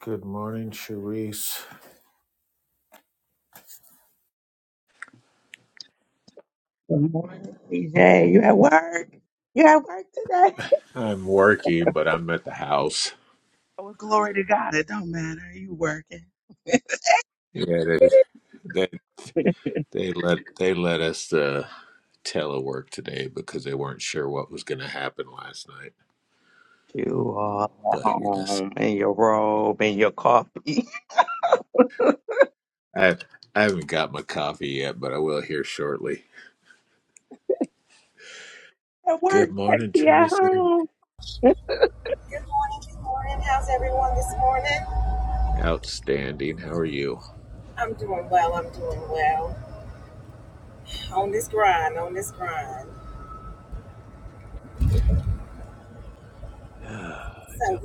Good morning, Charisse. Good morning, CJ. You at work? You at work today? I'm working, but I'm at the house. Well, glory to God. It don't matter. You working. Yeah, they they, they let they let us uh, telework today because they weren't sure what was going to happen last night. You all at But yes, home in your robe and your coffee. I I haven't got my coffee yet, but I will here shortly. At work, Good morning, Tracy at Tracy. home. Outstanding. How are you? Ah, I don't-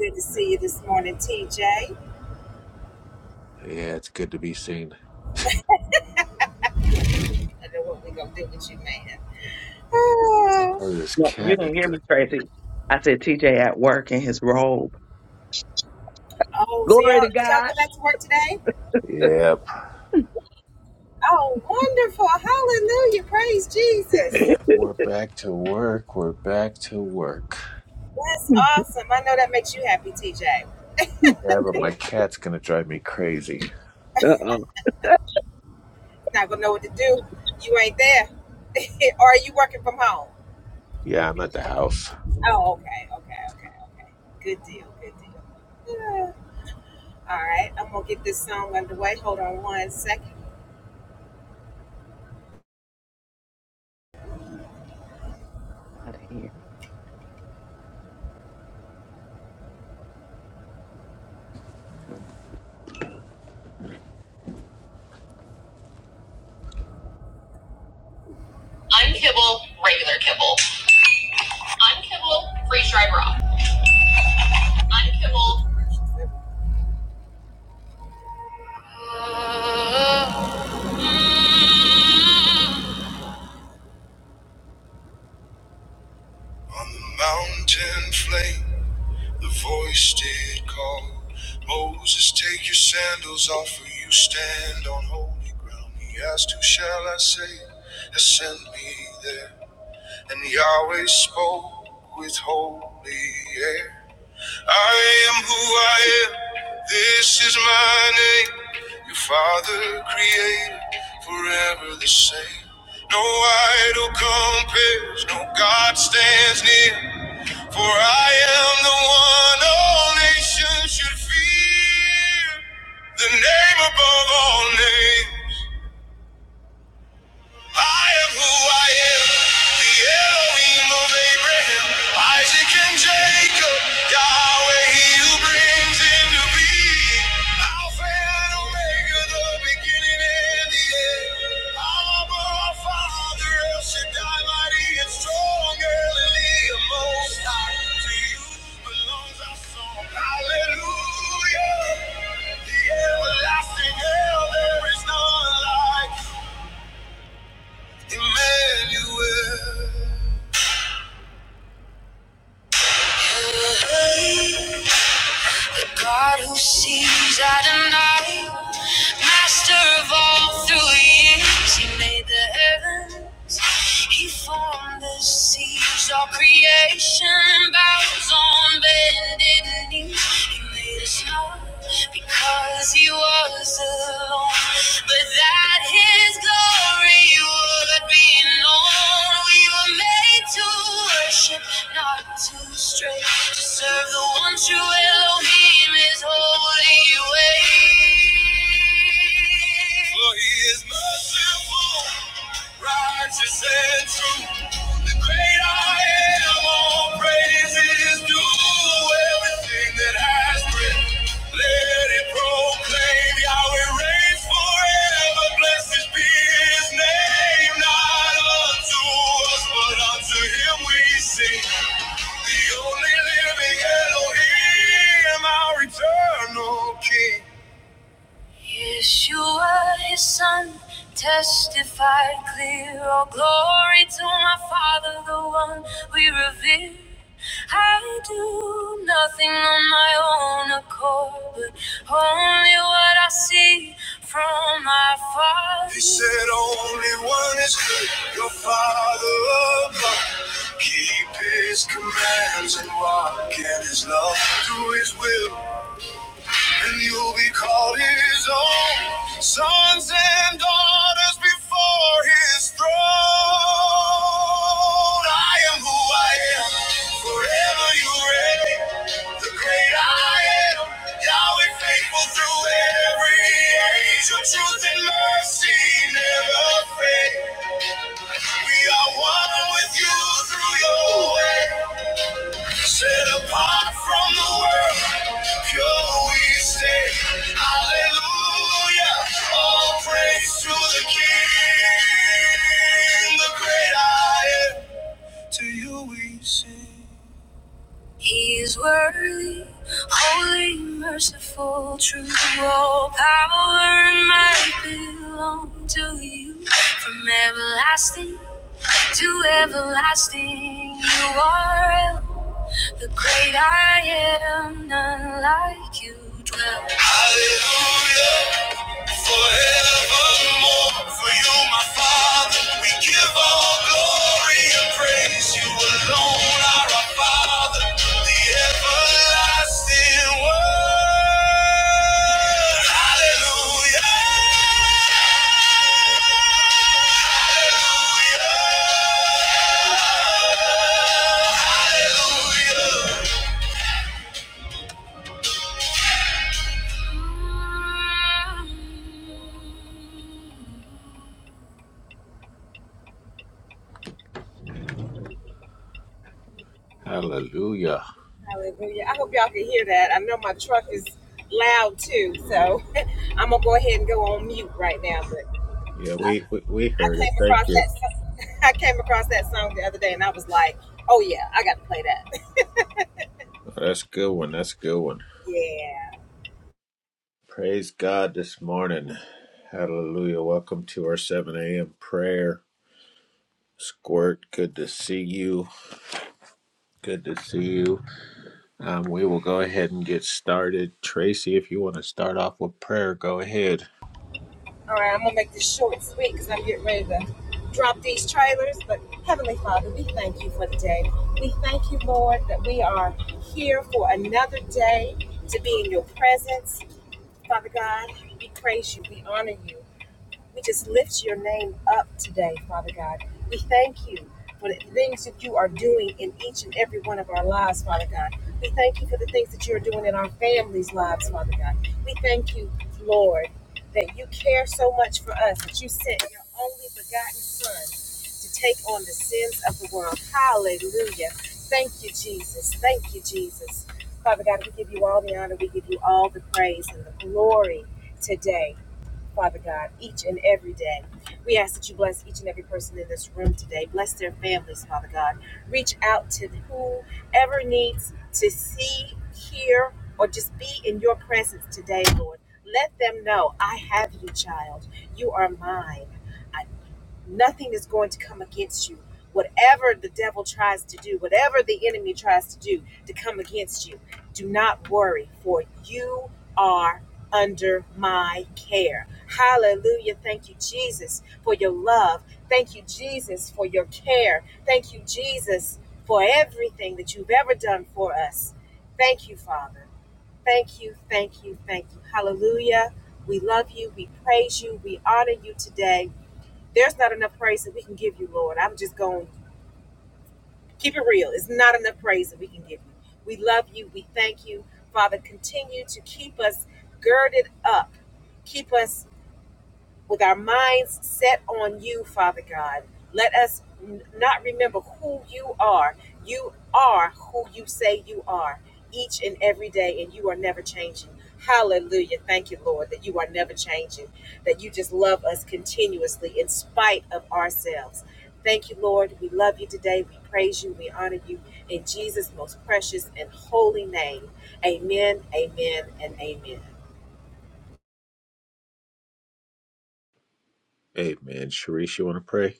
yeah, it's good to be seen. Oh, this No, you cat is didn't hear gonna. me, Tracy. I said TJ at work in his robe. Glory to God. Yep. Yep. We're back to work. We're back to work. Yeah, but my cat's gonna drive me crazy. Uh oh. Yeah, I'm at the house. Get out of here. Unkibble, regular kibble. Unkibble, freeze dried raw. Unkibble. Uh. On the mountain flame, the voice did call. Moses, take your sandals off, for you stand on holy ground. He asked, Who shall I say has sent me there? And Yahweh spoke with holy air. I am who I am. This is my name. Your father created forever the same. No idol compares, no God stands near. For I am the one all nations should fear. The name above all names. I am who I am, the Elohim of Abraham, Isaac and Jacob, Yahweh, he who brings into being, Alpha and Omega, the beginning and the end. Abba, Father, El Shaddai, mighty and strong, early, most high. To you belongs our song, hallelujah. The everlasting hell, there is none like you. Emmanuel, God who sees Adonai, Master of all through years, He made the heavens He formed the seas, all creation bows on bended knees. He made us whole because he was alone. But that his glory would be known. We were made to worship, not to stray, to serve the one true Elohim, his holy way. For he is merciful righteous and true. The great I am, all praises due. Everything that has breath, let it proclaim. Yahweh reigns forever. Blessed be His name. Not unto us, but unto Him we sing. The only living Elohim, our eternal King. Yeshua, his son, testified clear. All glory to my Father, the one we revere. I do nothing on my own accord, but only what I see from my Father. He said, Only one is good, your Father above. Keep his commands and walk in his love. Do his will, and you'll be called his own sons and daughters before his throne. I am who I am, forever you reign. The great I am, Yahweh faithful through every age. Your truth and mercy never fade. We are one with you through your way. Set apart from the world, pure we stay. Hallelujah. All praise to the King, the great I am. To you we sing. He is worthy, holy, merciful, true. All power and might belong to you. From everlasting to everlasting, you are. The great I am, none like you dwell. Hallelujah, forevermore. For you, my Father, we give all glory and praise. You alone are our Father, the everlasting Word. Hallelujah, hallelujah, hallelujah. Thank you. Hallelujah. Yeah, we we, we heard it. Thank you. Oh, that's a good one. That's a good one. Praise God this morning. Hallelujah. Welcome to our 7 a.m. prayer. Squirt, good to see you. Good to see you. Um, we will go ahead and get started. Tracy, if you want to start off with prayer, go ahead. Amen. Sharice, you want to pray?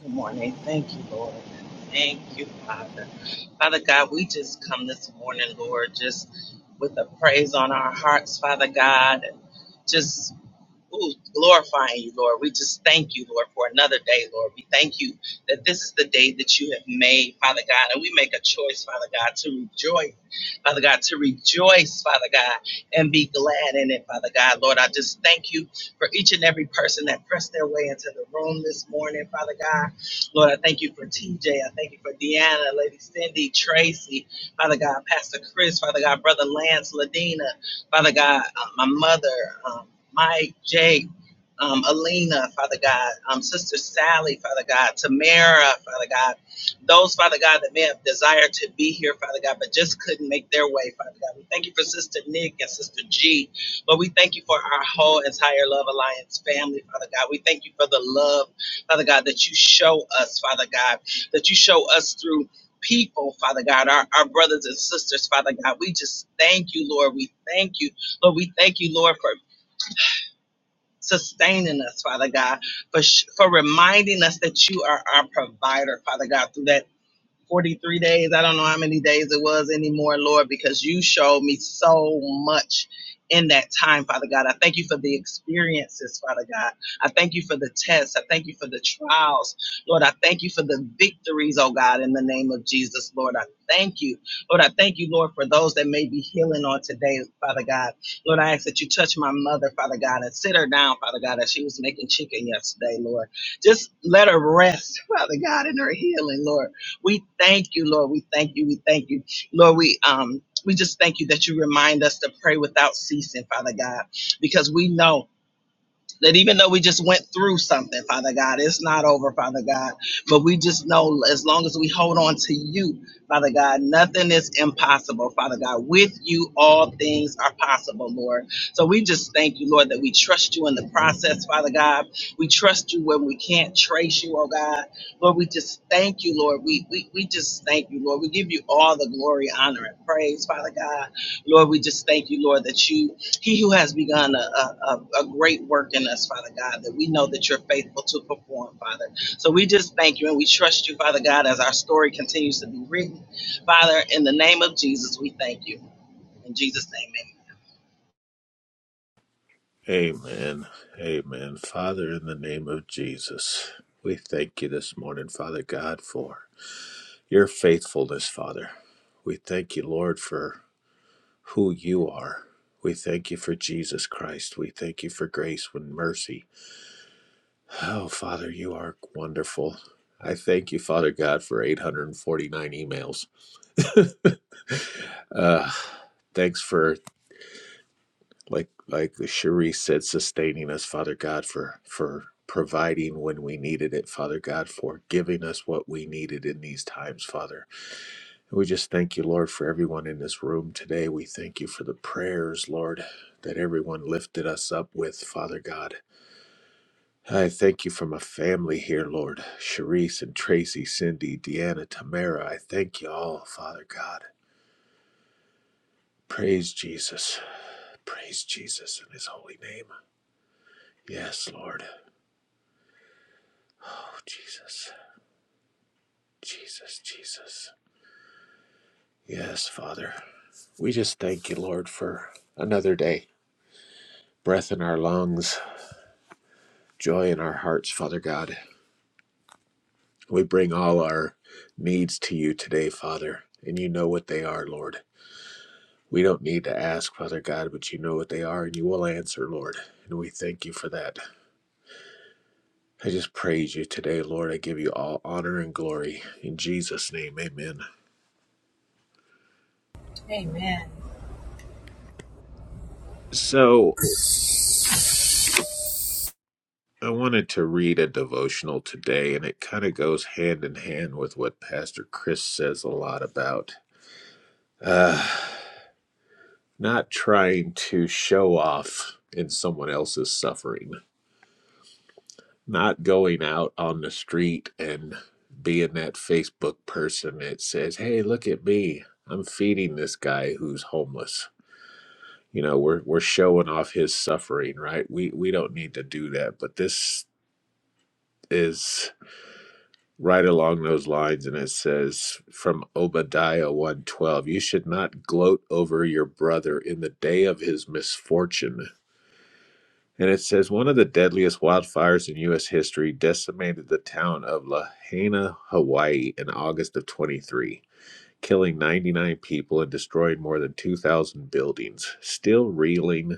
Good morning. Thank you, Lord. Thank you, Father. Father God, we just come this morning, Lord, just with a praise on our hearts, Father God, and just Ooh, glorifying you, Lord. We just thank you, Lord, for another day, Lord. We thank you that this is the day that you have made, Father God. And we make a choice, Father God, to rejoice, Father God, to rejoice, Father God, and be glad in it, Father God. Lord, I just thank you for each and every person that pressed their way into the room this morning, Father God. Lord, I thank you for TJ. I thank you for Deanna, Lady Cindy, Tracy, Father God, Pastor Chris, Father God, Brother Lance, Ladina. Father God, uh, my mother, um, Mike, Jake, um, Alina, Father God, um, Sister Sally, Father God, Tamara, Father God, those, Father God, that may have desired to be here, Father God, but just couldn't make their way, Father God. We thank you for Sister Nick and Sister G, but we thank you for our whole entire Love Alliance family, Father God. We thank you for the love, Father God, that you show us, Father God, that you show us through people, Father God, our, our brothers and sisters, Father God. We just thank you, Lord. We thank you, Lord. We thank you, Lord, for sustaining us, Father God, for sh- for reminding us that you are our provider, Father God, through that 43 days. I don't know how many days it was anymore, Lord, because you showed me so much in that time, Father God. I thank you for the experiences, Father God. I thank you for the tests. I thank you for the trials. Lord, I thank you for the victories, oh God, in the name of Jesus, Lord. I thank you. Lord, I thank you, Lord, for those that may be healing on today, Father God. Lord, I ask that you touch my mother, Father God, and sit her down, Father God, as she was making chicken yesterday, Lord. Just let her rest, Father God, in her healing, Lord. We thank you, Lord. We thank you. We thank you. Lord, we um we just thank you that you remind us to pray without ceasing, Father God, because we know that even though we just went through something, Father God, it's not over, Father God. But we just know as long as we hold on to you, Father God, nothing is impossible, Father God. With you, all things are possible, Lord. So we just thank you, Lord, that we trust you in the process, Father God. We trust you when we can't trace you, oh God. Lord, we just thank you, Lord. We, we, we just thank you, Lord. We give you all the glory, honor, and praise, Father God. Lord, we just thank you, Lord, that you he who has begun a, a, a great work in us, Father God, that we know that you're faithful to perform, Father. So we just thank you and we trust you, Father God, as our story continues to be written. Father, in the name of Jesus, we thank you. In Jesus' name, Amen. Amen. Father, in the name of Jesus, we thank you this morning, Father God, for your faithfulness, Father. We thank you, Lord, for who you are. We thank you for Jesus Christ. We thank you for grace and mercy. Oh, Father, you are wonderful. I thank you, Father God, for 849 emails. Uh, thanks for like like Cherie said, sustaining us, Father God, for for providing when we needed it, Father God, for giving us what we needed in these times, Father. And we just thank you, Lord, for everyone in this room today. We thank you for the prayers, Lord, that everyone lifted us up with, Father God. I thank you for my family here, Lord. Sharice and Tracy, Cindy, Deanna, Tamara. I thank you all, Father God. Praise Jesus. Praise Jesus in his holy name. Yes, Lord. Oh, Jesus, Jesus, Jesus. Yes, Father. We just thank you, Lord, for another day, breath in our lungs, joy in our hearts, Father God. We bring all our needs to you today, Father, and you know what they are, Lord. We don't need to ask, Father God, but you know what they are, and you will answer, Lord. And we thank you for that. I just praise you today, Lord. I give you all honor and glory. In Jesus' name, amen. So, I wanted to read a devotional today, and it kind of goes hand in hand with what Pastor Chris says a lot about uh, not trying to show off in someone else's suffering, not going out on the street and being that Facebook person that says, Hey, look at me. I'm feeding this guy who's homeless. You know, we're we're showing off his suffering, right? We we don't need to do that. But this is right along those lines and it says from obadiah 112 you should not gloat over your brother in the day of his misfortune and it says one of the deadliest wildfires in u.s history decimated the town of lahaina hawaii in august of 23 killing 99 people and destroying more than 2000 buildings still reeling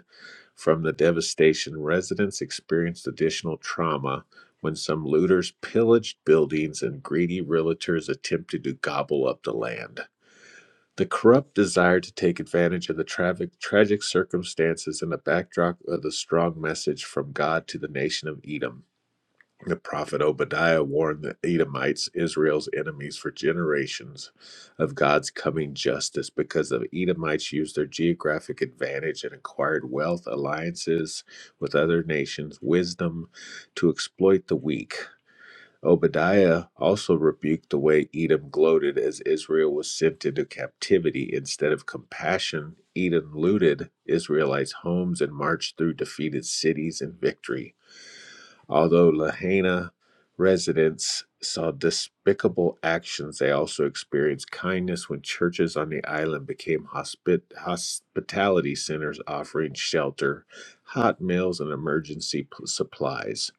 from the devastation, residents experienced additional trauma when some looters pillaged buildings and greedy realtors attempted to gobble up the land. The corrupt desire to take advantage of the tragic, tragic circumstances and the backdrop of the strong message from God to the nation of Edom. The prophet Obadiah warned the Edomites, Israel's enemies for generations, of God's coming justice because the Edomites used their geographic advantage and acquired wealth, alliances with other nations, wisdom to exploit the weak. Obadiah also rebuked the way Edom gloated as Israel was sent into captivity. Instead of compassion, Edom looted Israelites' homes and marched through defeated cities in victory. Although Lahaina residents saw despicable actions, they also experienced kindness when churches on the island became hospi- hospitality centers offering shelter, hot meals, and emergency p- supplies.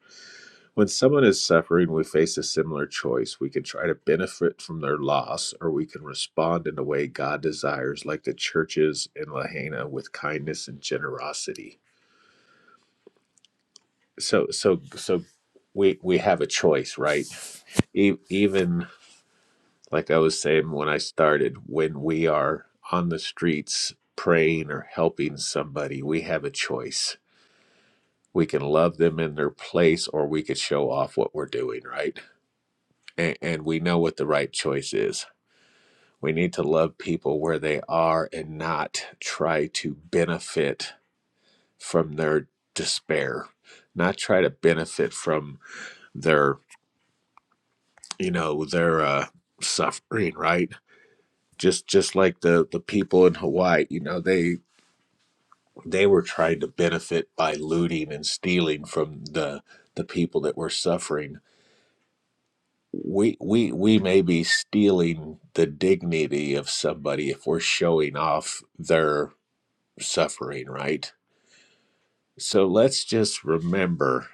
When someone is suffering, we face a similar choice. We can try to benefit from their loss, or we can respond in the way God desires, like the churches in Lahaina, with kindness and generosity so so so we we have a choice right e- even like i was saying when i started when we are on the streets praying or helping somebody we have a choice we can love them in their place or we could show off what we're doing right and, and we know what the right choice is we need to love people where they are and not try to benefit from their despair not try to benefit from their you know their uh, suffering, right? Just just like the the people in Hawaii, you know they they were trying to benefit by looting and stealing from the the people that were suffering. We we we may be stealing the dignity of somebody if we're showing off their suffering, right? So let's just remember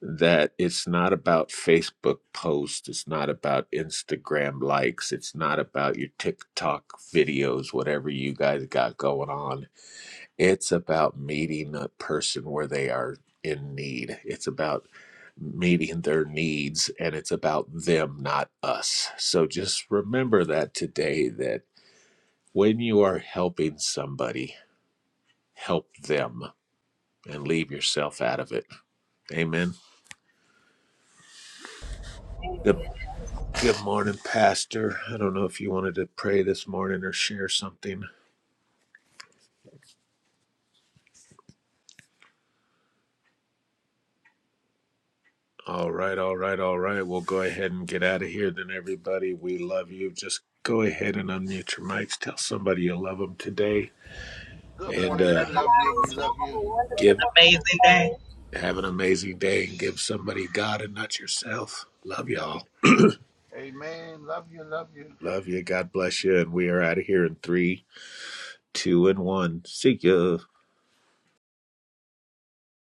that it's not about Facebook posts, it's not about Instagram likes, it's not about your TikTok videos, whatever you guys got going on. It's about meeting a person where they are in need. It's about meeting their needs and it's about them, not us. So just remember that today that when you are helping somebody, help them and leave yourself out of it. Amen. The Good morning, Pastor. I don't know if you wanted to pray this morning or share something. All right, all right, all right. We'll go ahead and get out of here then, everybody. We love you. Just go ahead and unmute your mics. Tell somebody you love them today Good and morning. amen. We uh, Love you. Have love you. We love you. give, an amazing day. have an amazing day and give somebody God and not yourself. Love y'all. Amen. Love you. Love you. Love you. God bless you. And we are out of here in three, two, and one. See ya.